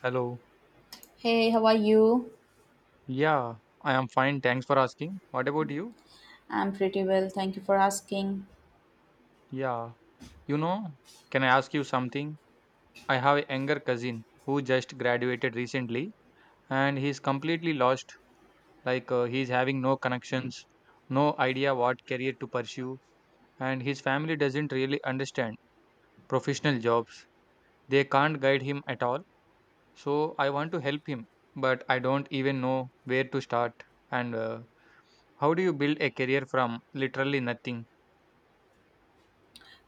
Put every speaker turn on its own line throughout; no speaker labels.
Hello.
Hey, how are you?
Yeah, I am fine. Thanks for asking. What about you?
I'm pretty well, thank you for asking.
Yeah. You know, can I ask you something? I have a younger cousin who just graduated recently and he's completely lost. Like, he's having no connections, no idea what career to pursue, and his family doesn't really understand professional jobs. They can't guide him at all. So, I want to help him, but I don't even know where to start. And how do you build a career from literally nothing?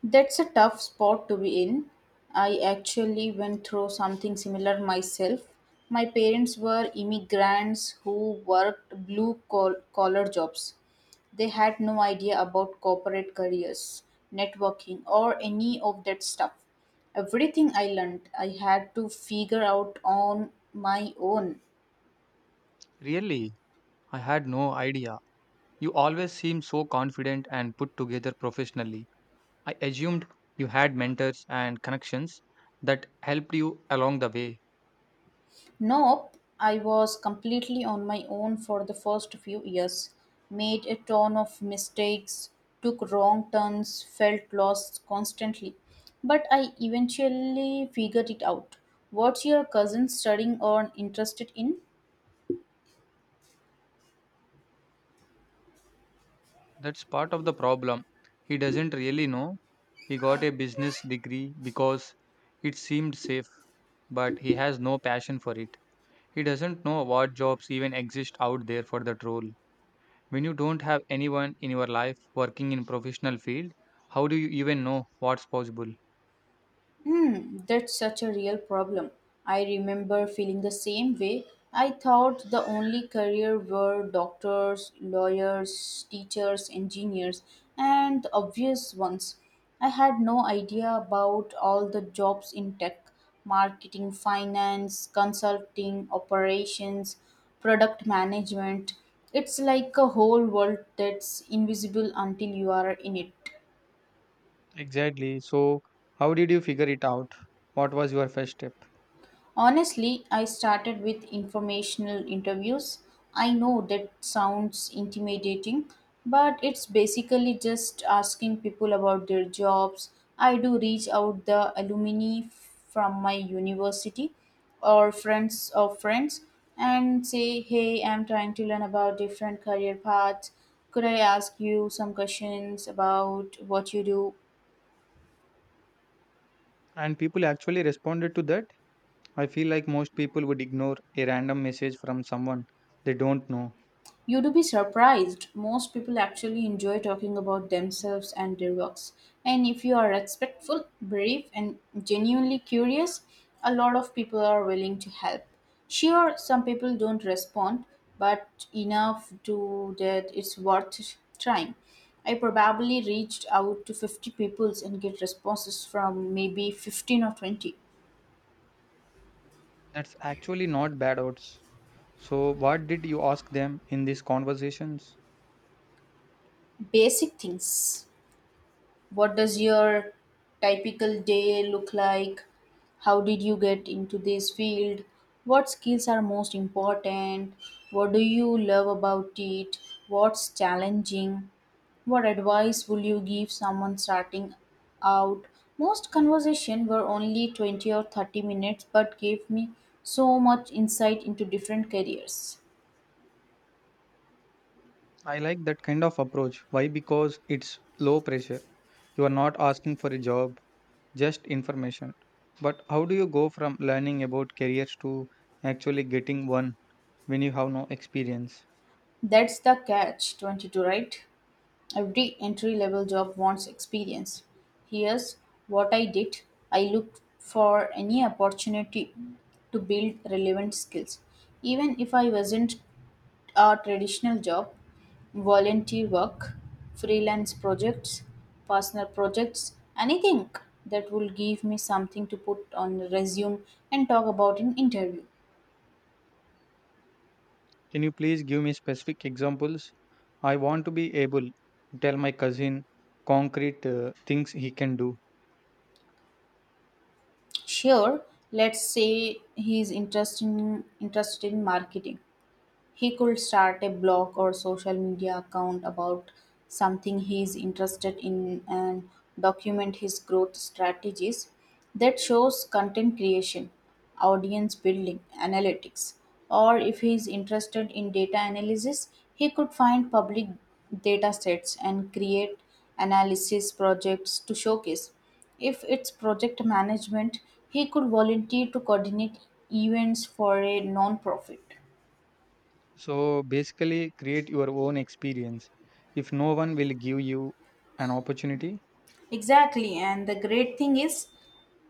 That's a tough spot to be in. I actually went through something similar myself. My parents were immigrants who worked blue collar jobs. They had no idea about corporate careers, networking, or any of that stuff. Everything I learned, I had to figure out on my own.
Really? I had no idea. You always seem so confident and put together professionally. I assumed you had mentors and connections that helped you along the way.
Nope, I was completely on my own for the first few years. Made a ton of mistakes, took wrong turns, felt lost constantly. But I eventually figured it out. What's your cousin studying or interested in?
That's part of the problem. He doesn't really know. He got a business degree because it seemed safe, but he has no passion for it. He doesn't know what jobs even exist out there for that role. When you don't have anyone in your life working in professional field, how do you even know what's possible?
Hmm, that's such a real problem. I remember feeling the same way. I thought the only career were doctors, lawyers, teachers, engineers, and the obvious ones. I had no idea about all the jobs in tech marketing, finance, consulting, operations, product management. It's like a whole world that's invisible until you are in it.
Exactly. So, how did you figure it out? What was your first step?
Honestly, I started with informational interviews. I know that sounds intimidating, but it's basically just asking people about their jobs. I do reach out the alumni from my university or friends of friends and say, "Hey, I'm trying to learn about different career paths. Could I ask you some questions about what you do?"
And people actually responded to that. I feel like most people would ignore a random message from someone they don't know.
You'd be surprised. Most people actually enjoy talking about themselves and their works. And if you are respectful, brave, and genuinely curious, a lot of people are willing to help. Sure, some people don't respond, but enough to that it's worth trying. I probably reached out to 50 people and get responses from maybe 15 or 20.
That's actually not bad odds. So, what did you ask them in these conversations?
Basic things. What does your typical day look like? How did you get into this field? What skills are most important? What do you love about it? What's challenging? What advice will you give someone starting out? Most conversation were only 20 or 30 minutes but gave me so much insight into different careers.
I like that kind of approach. Why? Because it's low pressure. You are not asking for a job, just information. But how do you go from learning about careers to actually getting one when you have no experience?
That's the catch, 22, right? Every entry level job wants experience. Here's what I did. I looked for any opportunity to build relevant skills. Even if I wasn't a traditional job, volunteer work, freelance projects, personal projects, anything that will give me something to put on the resume and talk about in interview.
Can you please give me specific examples? I want to be able to tell my cousin concrete things he can do.
Sure, let's say he's interested in marketing. He could start a blog or social media account about something he is interested in and document his growth strategies. That shows content creation, audience building, analytics. Or if he is interested in data analysis, he could find public data sets and create analysis projects to showcase. If it's project management, he could volunteer to coordinate events for a non-profit.
So basically, create your own experience. If no one will give you an opportunity,
Exactly, and the great thing is,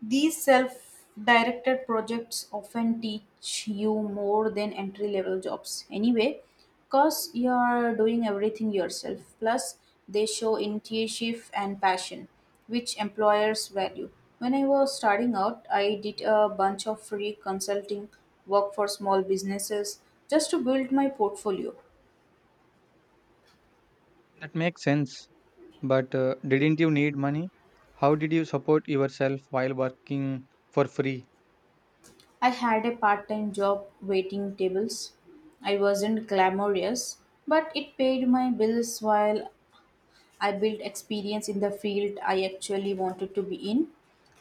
these self directed projects often teach you more than entry level jobs anyway, because you are doing everything yourself. Plus, they show initiative and passion, which employers value. When I was starting out, I did a bunch of free consulting work for small businesses just to build my portfolio.
that makes sense. But didn't you need money? How did you support yourself while working for free?
I had a part time job waiting tables. I wasn't glamorous, but it paid my bills while I built experience in the field I actually wanted to be in.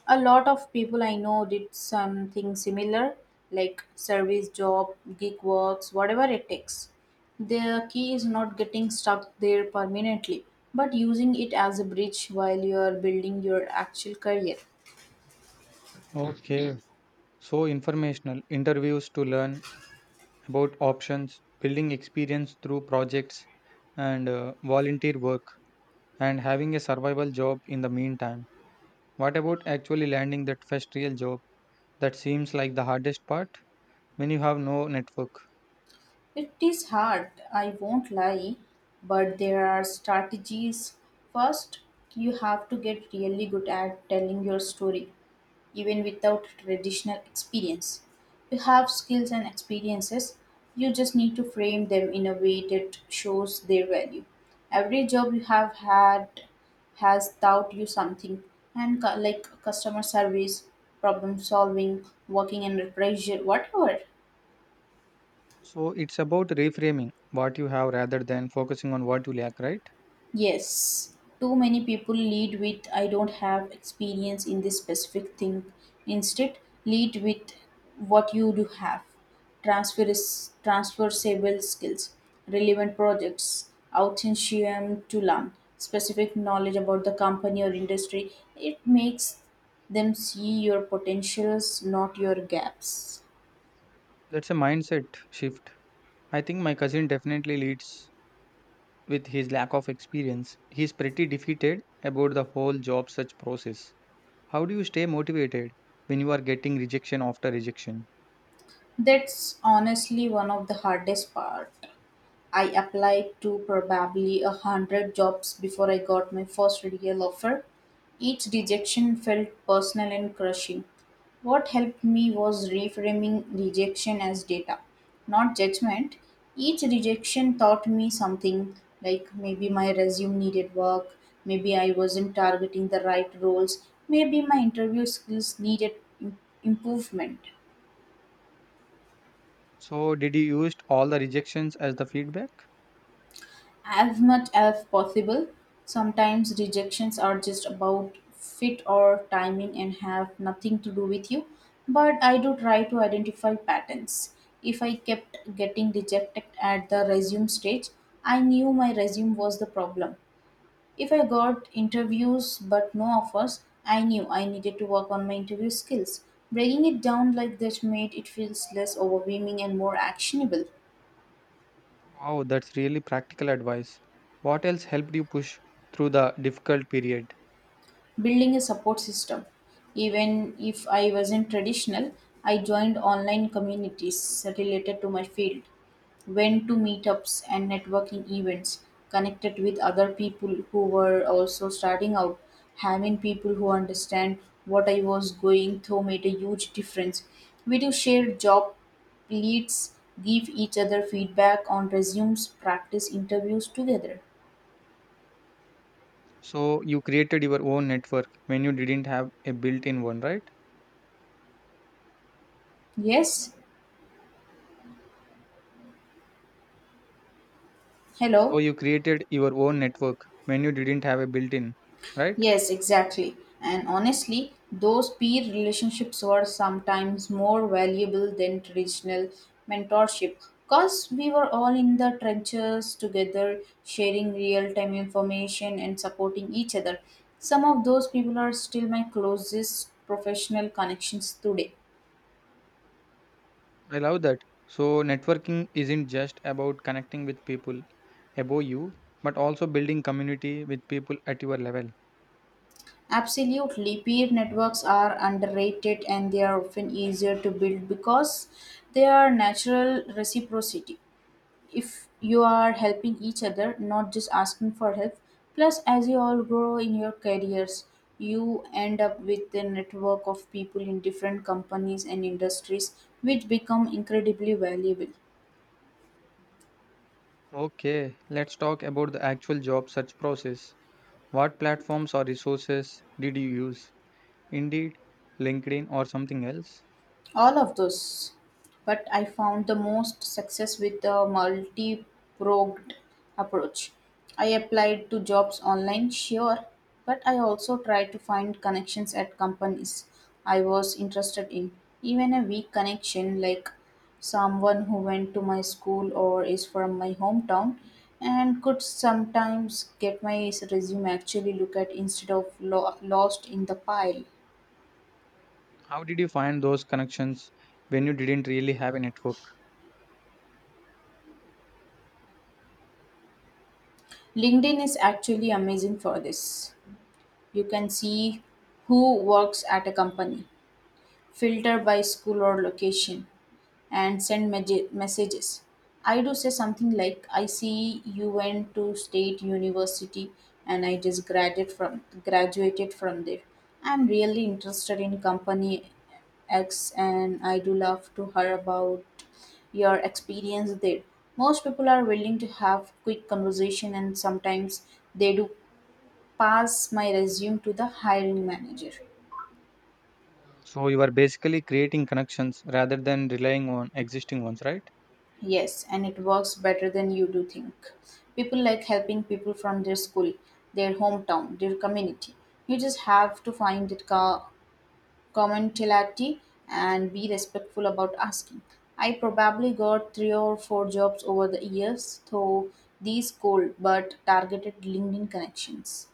A lot of people I know did something similar, like service job, gig works, whatever it takes. The key is not getting stuck there permanently, but using it as a bridge while you are building your actual career.
Okay. So informational interviews to learn about options, building experience through projects, and volunteer work. And having a survival job in the meantime. What about actually landing that first real job? That seems like the hardest part when you have no network.
It is hard, I won't lie, but there are strategies. First, you have to get really good at telling your story, even without traditional experience. You have skills and experiences, you just need to frame them in a way that shows their value. Every job you have had has taught you something, and like customer service, problem solving, working under pressure, whatever.
So it's about reframing what you have rather than focusing on what you lack, right?
Yes, too many people lead with I don't have experience in this specific thing. Instead, lead with what you do have. Transferable skills, relevant projects, outentium to learn, specific knowledge about the company or industry. It makes them see your potentials, not your gaps.
That's a mindset shift. I think my cousin definitely leads with his lack of experience. He's pretty defeated about the whole job search process. How do you stay motivated when you are getting rejection after rejection?
That's honestly one of the hardest part. I applied to probably 100 jobs before I got my first real offer. Each rejection felt personal and crushing. What helped me was reframing rejection as data, not judgment. Each rejection taught me something like maybe my resume needed work, maybe I wasn't targeting the right roles, maybe my interview skills needed improvement.
So did you used all the rejections as the feedback?
As much as possible, sometimes rejections are just about fit or timing and have nothing to do with you. But I do try to identify patterns. If I kept getting rejected at the resume stage, I knew my resume was the problem. If I got interviews but no offers, I knew I needed to work on my interview skills. Breaking it down like this made it feels less overwhelming and more actionable.
Wow, that's really practical advice. What else helped you push through the difficult period?
Building a support system. Even if I wasn't traditional, I joined online communities related to my field, went to meetups and networking events, connected with other people who were also starting out. Having people who understand what I was going through made a huge difference. We do share job leads, give each other feedback on resumes, practice interviews together.
So you created your own network when you didn't have a built-in one, right?
Yes,
So
hello.
you created your own network when you didn't have a built-in, right?
Yes, exactly. And honestly, those peer relationships were sometimes more valuable than traditional mentorship because we were all in the trenches together, sharing real time information and supporting each other. Some of those people are still my closest professional connections today.
I love that. So, networking isn't just about connecting with people above you, but also building community with people at your level.
Absolutely, peer networks are underrated and they are often easier to build because they are natural reciprocity. If you are helping each other, not just asking for help. Plus, as you all grow in your careers, you end up with a network of people in different companies and industries, which become incredibly valuable.
Okay, let's talk about the actual job search process. What platforms or resources did you use? Indeed, LinkedIn, or something else?
All of those. But I found the most success with the multi pronged approach. I applied to jobs online, sure, but I also tried to find connections at companies I was interested in. Even a weak connection, like someone who went to my school or is from my hometown, and could sometimes get my resume actually look at instead of lost in the pile.
How did you find those connections when you didn't really have a network?
LinkedIn is actually amazing for this. You can see who works at a company, filter by school or location, and send messages. I do say something like, I see you went to state university and I just graduated from there. I'm really interested in company X and I do love to hear about your experience there. Most people are willing to have quick conversation and sometimes they do pass my resume to the hiring manager.
So, you are basically creating connections rather than relying on existing ones, right?
Yes, and it works better than you do think. People like helping people from their school, their hometown, their community. You just have to find that commonality and be respectful about asking. I probably got 3 or 4 jobs over the years through these cold but targeted LinkedIn connections.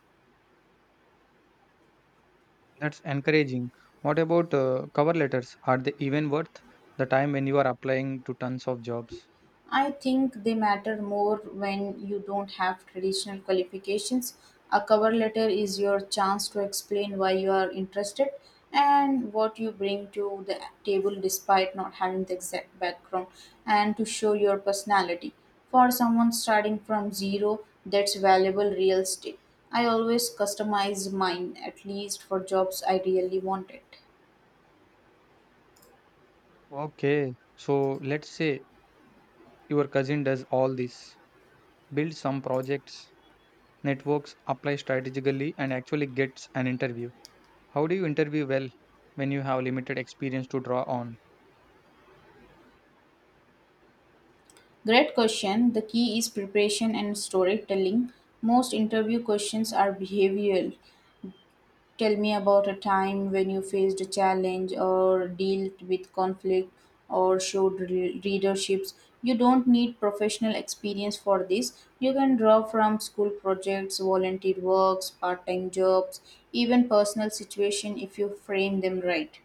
That's encouraging. What about cover letters? Are they even worth the time when you are applying to tons of jobs?
I think they matter more when you don't have traditional qualifications. A cover letter is your chance to explain why you are interested and what you bring to the table despite not having the exact background and to show your personality. For someone starting from zero, that's valuable real estate. I always customize mine, at least for jobs I really wanted.
Okay, so let's say your cousin does all this, builds some projects, networks, applies strategically, and actually gets an interview. How do you interview well when you have limited experience to draw on?
Great question. The key is preparation and storytelling. Most interview questions are behavioral. Tell me about a time when you faced a challenge or dealt with conflict or showed readerships. You don't need professional experience for this. You can draw from school projects, volunteer works, part time jobs, even personal situation if you frame them right.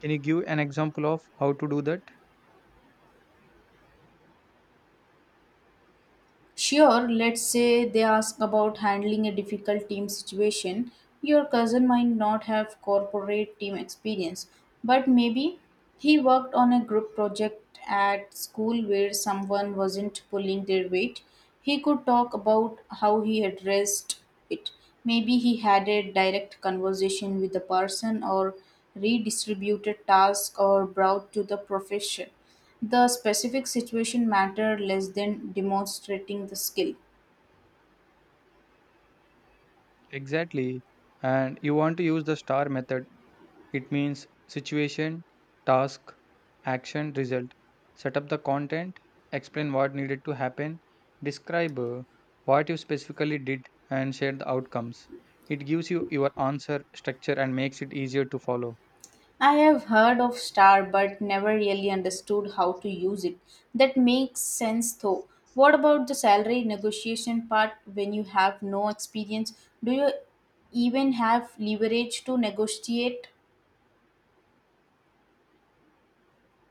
Can you give an example of how to do that?
Sure, let's say they ask about handling a difficult team situation. Your cousin might not have corporate team experience, but maybe he worked on a group project at school where someone wasn't pulling their weight. He could talk about how he addressed it. Maybe he had a direct conversation with the person or redistributed tasks or brought to the profession. The specific situation mattered less than demonstrating the skill.
Exactly. And you want to use the STAR method. It means situation, task, action, result. Set up the content, explain what needed to happen, describe what you specifically did, and share the outcomes. It gives you your answer structure and makes it easier to follow.
I have heard of star but never really understood how to use it. That makes sense though. What about the salary negotiation part when you have no experience? Do you even have leverage to negotiate?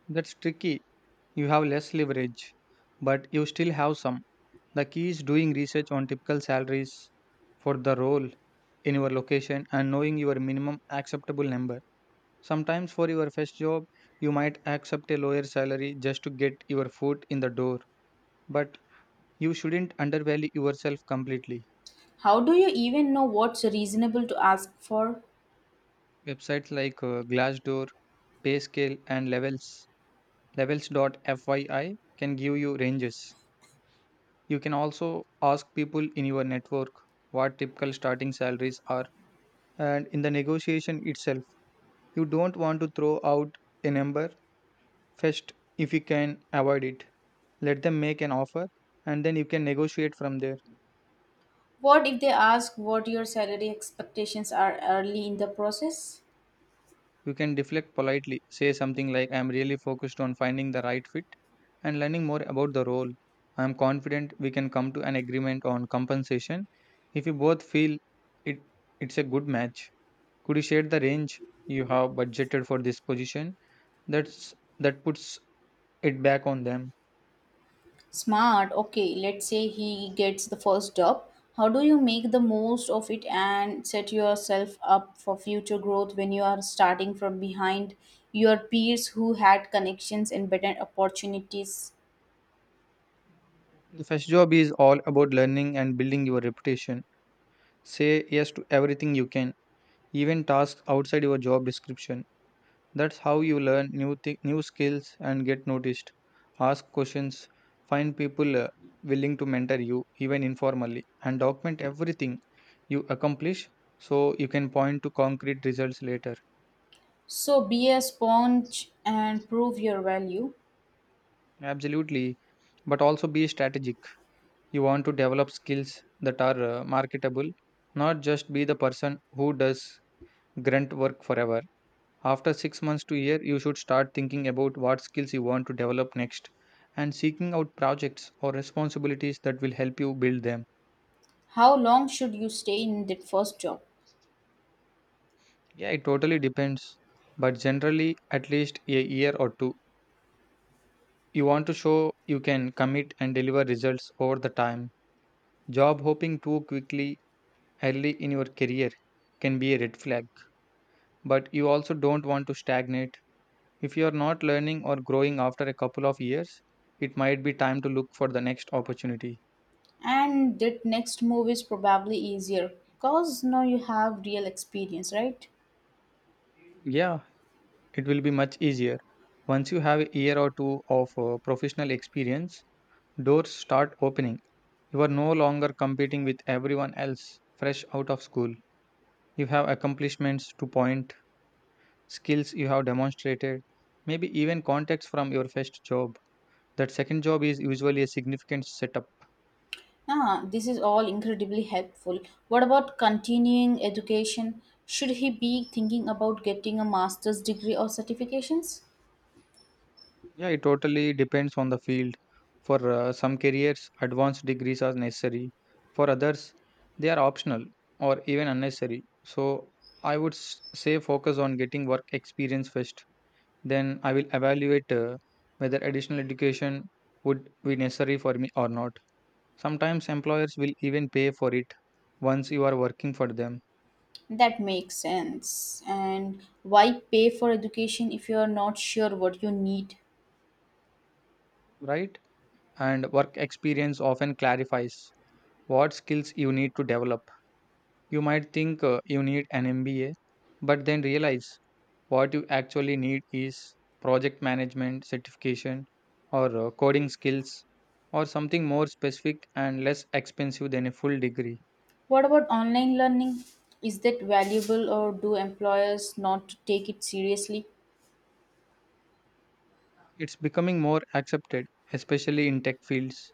That's tricky. You have less leverage, but you still have some. The key is doing research on typical salaries for the role in your location and knowing your minimum acceptable number. Sometimes, for your first job, you might accept a lower salary just to get your foot in the door, but you shouldn't undervalue yourself completely.
How do you even know what's reasonable to ask for?
Websites like Glassdoor, Payscale, and Levels, levels.fyi can give you ranges. You can also ask people in your network what typical starting salaries are, and in the negotiation itself, you don't want to throw out a number first if you can avoid it. Let them make an offer, and then you can negotiate from there.
What if they ask what your salary expectations are early in the process?
You can deflect politely, say something like, "I am really focused on finding the right fit and learning more about the role. I am confident we can come to an agreement on compensation if you both feel it, it's a good match. Could you share the range you have budgeted for this position?" That's that puts it back on them.
Smart. Okay, let's say he gets the first job. How do you make the most of it and set yourself up for future growth when you are starting from behind your peers who had connections and better opportunities?
The first job is all about learning and building your reputation. Say yes to everything you can, even tasks outside your job description. That's how you learn new skills and get noticed. Ask questions, find people willing to mentor you even informally, and document everything you accomplish so you can point to concrete results later.
So be a sponge and prove your value.
Absolutely, but also be strategic. You want to develop skills that are marketable, not just be the person who does grunt work forever. After 6 months to a year, you should start thinking about what skills you want to develop next and seeking out projects or responsibilities that will help you build them.
How long should you stay in that first job?
Yeah, it totally depends, but generally, at least a year or two. You want to show you can commit and deliver results over the time. Job hopping too quickly early in your career can be a red flag, but you also don't want to stagnate. If you are not learning or growing after a couple of years, it might be time to look for the next opportunity.
And that next move is probably easier because now you have real experience, right?
Yeah, it will be much easier. Once you have a year or two of professional experience, doors start opening. You are no longer competing with everyone else fresh out of school. You have accomplishments to point, skills you have demonstrated, maybe even contacts from your first job. That second job is usually a significant setup.
Ah, this is all incredibly helpful. What about continuing education? Should he be thinking about getting a master's degree or certifications?
Yeah, it totally depends on the field. For some careers, advanced degrees are necessary. For others, they are optional or even unnecessary. So, I would say focus on getting work experience first. Then I will evaluate whether additional education would be necessary for me or not. Sometimes employers will even pay for it once you are working for them,
That makes sense. And why pay for education if you are not sure what you need?
right? And work experience often clarifies what skills you need to develop. You might think you need an MBA, but then realize what you actually need is project management certification or coding skills or something more specific and less expensive than a full degree.
What about online learning? Is that valuable or do employers not take it seriously?
It's becoming more accepted, especially in tech fields.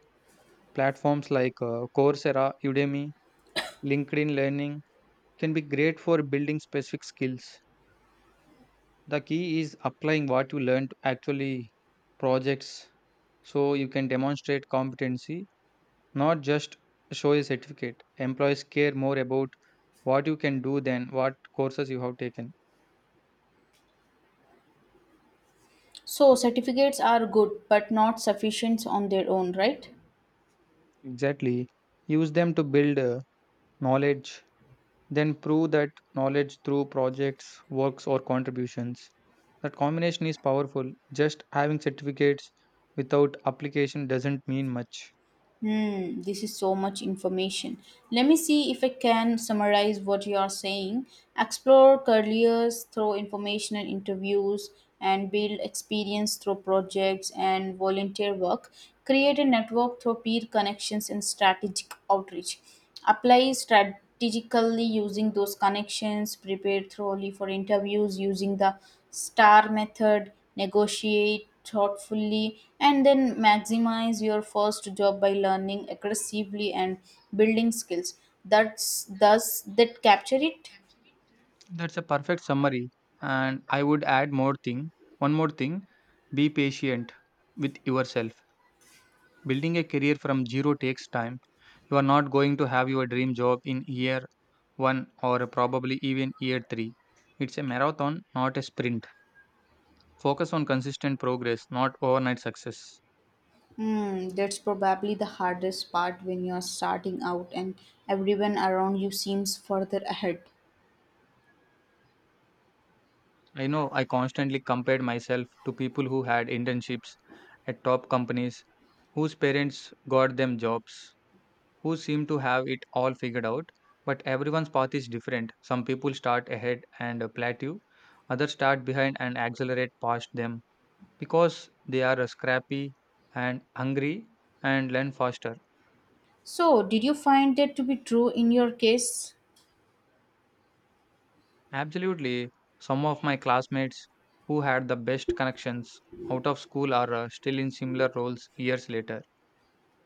Platforms like Coursera, Udemy, LinkedIn Learning can be great for building specific skills. The key is applying what you learn to actually projects so you can demonstrate competency. Not just show a certificate. Employees care more about what you can do than what courses you have taken.
So, certificates are good but not sufficient on their own, right?
Exactly. Use them to build knowledge, then prove that knowledge through projects, works, or contributions. That combination is powerful. Just having certificates without application doesn't mean much.
Hmm, this is so much information. Let me see if I can summarize what you are saying. Explore careers through informational interviews and build experience through projects and volunteer work. Create a network through peer connections and strategic outreach. Apply strategically using those connections. Prepare thoroughly for interviews using the STAR method negotiate thoughtfully, and then maximize your first job by learning aggressively and building skills. That's does that capture it?
That's a perfect summary. And I would add more thing. One more thing. Be patient with yourself. Building a career from zero takes time. You are not going to have your dream job in year one or probably even year three. It's a marathon, not a sprint. Focus on consistent progress, not overnight success.
Hmm, that's probably the hardest part when you're starting out and everyone around you seems further ahead.
I know I constantly compared myself to people who had internships at top companies, whose parents got them jobs, who seem to have it all figured out. But everyone's path is different. Some people start ahead and plateau, others start behind and accelerate past them because they are scrappy and hungry and learn faster.
So, did you find that to be true in your case?
Absolutely, some of my classmates who had the best connections out of school are still in similar roles years later.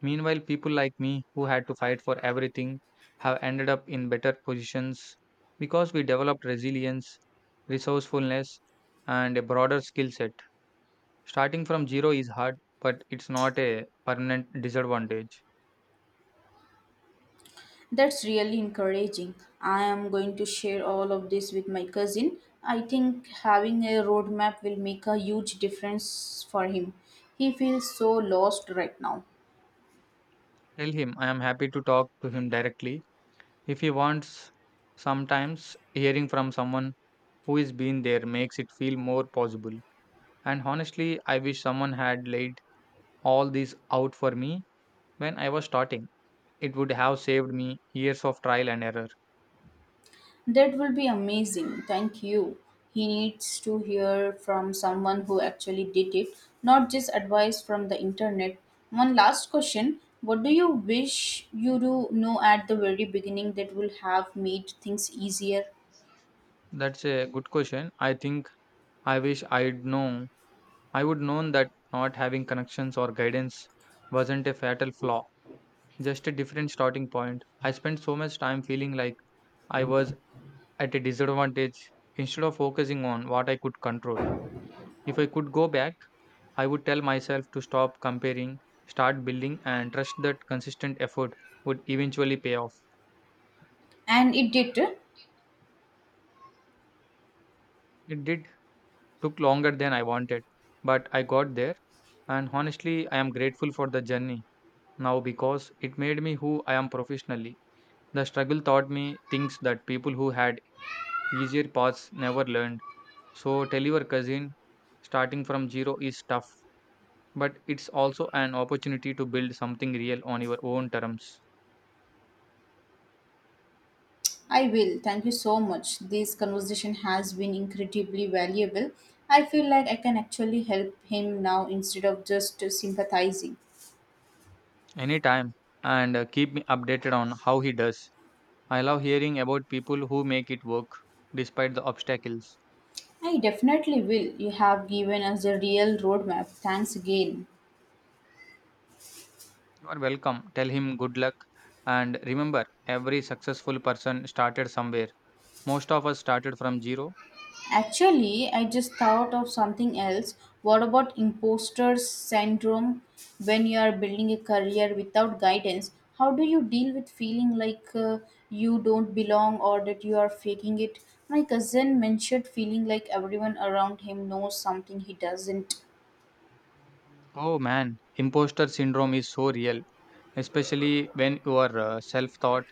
Meanwhile, people like me who had to fight for everything have ended up in better positions because we developed resilience, resourcefulness, and a broader skill set. Starting from zero is hard, but it's not a permanent disadvantage.
That's really encouraging. I am going to share all of this with my cousin. I think having a roadmap will make a huge difference for him. He feels so lost right now.
Tell him I am happy to talk to him directly if he wants. Sometimes hearing from someone who is been there makes it feel more possible, and honestly I wish someone had laid all this out for me when I was starting. It would have saved me years of trial and error.
That will be amazing. Thank you. He needs to hear from someone who actually did it, not just advice from the internet. One last question. What do you wish you do know at the very beginning that will have made things easier?
That's a good question. I think I wish I'd known, I would known that not having connections or guidance wasn't a fatal flaw, just a different starting point. I spent so much time feeling like I was at a disadvantage instead of focusing on what I could control. If I could go back, I would tell myself to stop comparing, start building, and trust that consistent effort would eventually pay off.
And it did.
It did. Took longer than I wanted, but I got there, and honestly, I am grateful for the journey now because it made me who I am professionally. The struggle taught me things that people who had easier paths never learned. So tell your cousin, starting from zero is tough, but it's also an opportunity to build something real on your own terms.
I will. Thank you so much. This conversation has been incredibly valuable. I feel like I can actually help him now instead of just sympathizing.
Anytime, and keep me updated on how he does. I love hearing about people who make it work despite the obstacles.
I definitely will. You have given us a real roadmap. Thanks again.
You are welcome. Tell him good luck. And remember, every successful person started somewhere. Most of us started from zero.
Actually, I just thought of something else. What about imposter syndrome when you are building a career without guidance? How do you deal with feeling like you don't belong or that you are faking it? My cousin mentioned feeling like everyone around him knows something he doesn't.
Oh man, imposter syndrome is so real, especially when you are self taught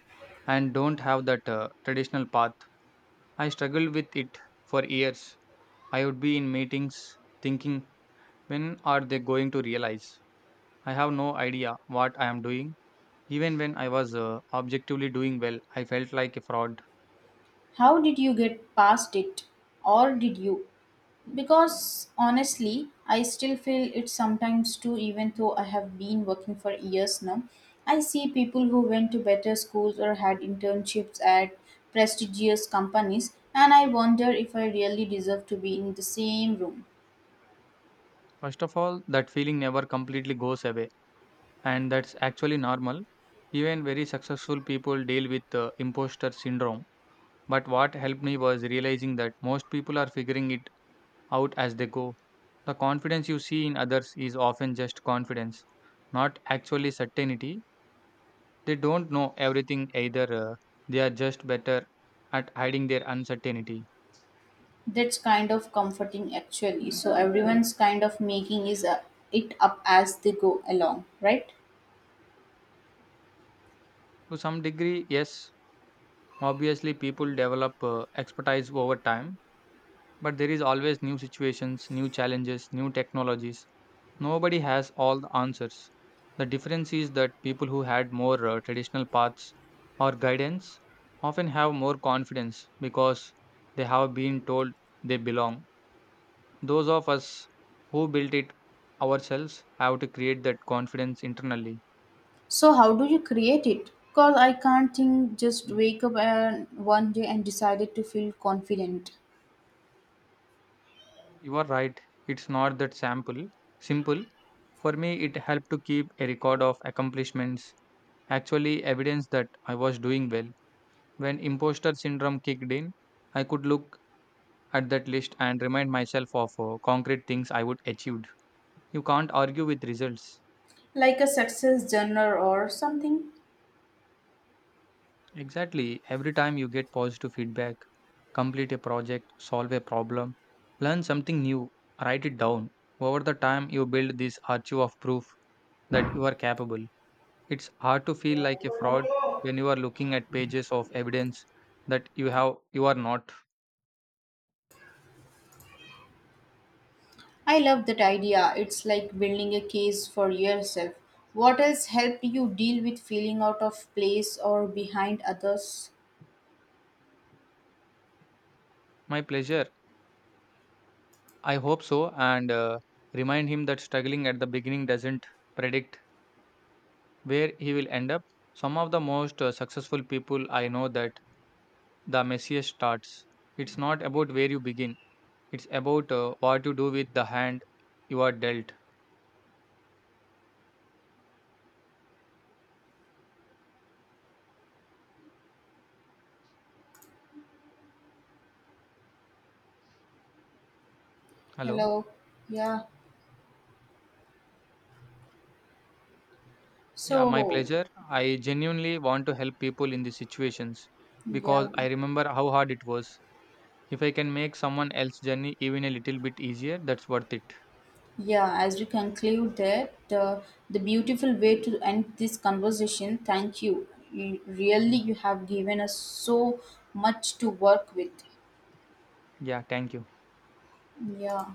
and don't have that traditional path. I struggled with it for years. I would be in meetings thinking, when are they going to realize? I have no idea what I am doing. Even when I was objectively doing well, I felt like a fraud.
How did you get past it? Or did you? Because honestly, I still feel it sometimes too, even though I have been working for years now. I see people who went to better schools or had internships at prestigious companies, and I wonder if I really deserve to be in the same room.
First of all, that feeling never completely goes away, and that's actually normal. Even very successful people deal with imposter syndrome. But what helped me was realizing that most people are figuring it out as they go. The confidence you see in others is often just confidence, not actually certainty. They don't know everything either, they are just better at hiding their uncertainty.
That's kind of comforting, actually. So, everyone's kind of making is it up as they go along, right?
To some degree, yes, obviously people develop expertise over time, but there is always new situations, new challenges, new technologies. Nobody has all the answers. The difference is that people who had more traditional paths or guidance often have more confidence because they have been told they belong. Those of us who built it ourselves have to create that confidence internally.
So how do you create it? Because I can't think just wake up and one day and decided to feel confident.
You are right. It's not that sample simple. For me, it helped to keep a record of accomplishments, actually evidence that I was doing well. When imposter syndrome kicked in, I could look at that list and remind myself of concrete things I would achieved. You can't argue with results.
Like a success journal or something.
Exactly. Every time you get positive feedback, complete a project, solve a problem, learn something new, write it down. Over the time, you build this archive of proof that you are capable. It's hard to feel like a fraud when you are looking at pages of evidence that you are not.
I love that idea. It's like building a case for yourself. What else helped you deal with feeling out of place or behind others?
My pleasure. I hope so and remind him that struggling at the beginning doesn't predict where he will end up. Some of the most successful people I know that the messiest starts. It's not about where you begin. It's about what you do with the hand you are dealt. Hello.
Hello. Yeah.
Yeah, my
So,
pleasure. I genuinely want to help people in these situations
yeah.
because I remember how hard it was. If I can make someone else's journey even a little bit easier, that's worth it.
Yeah, as we conclude that, the beautiful way to end this conversation, thank you. Really,
Yeah.
you have given us so much to work with.
Yeah. Thank you.
Yeah.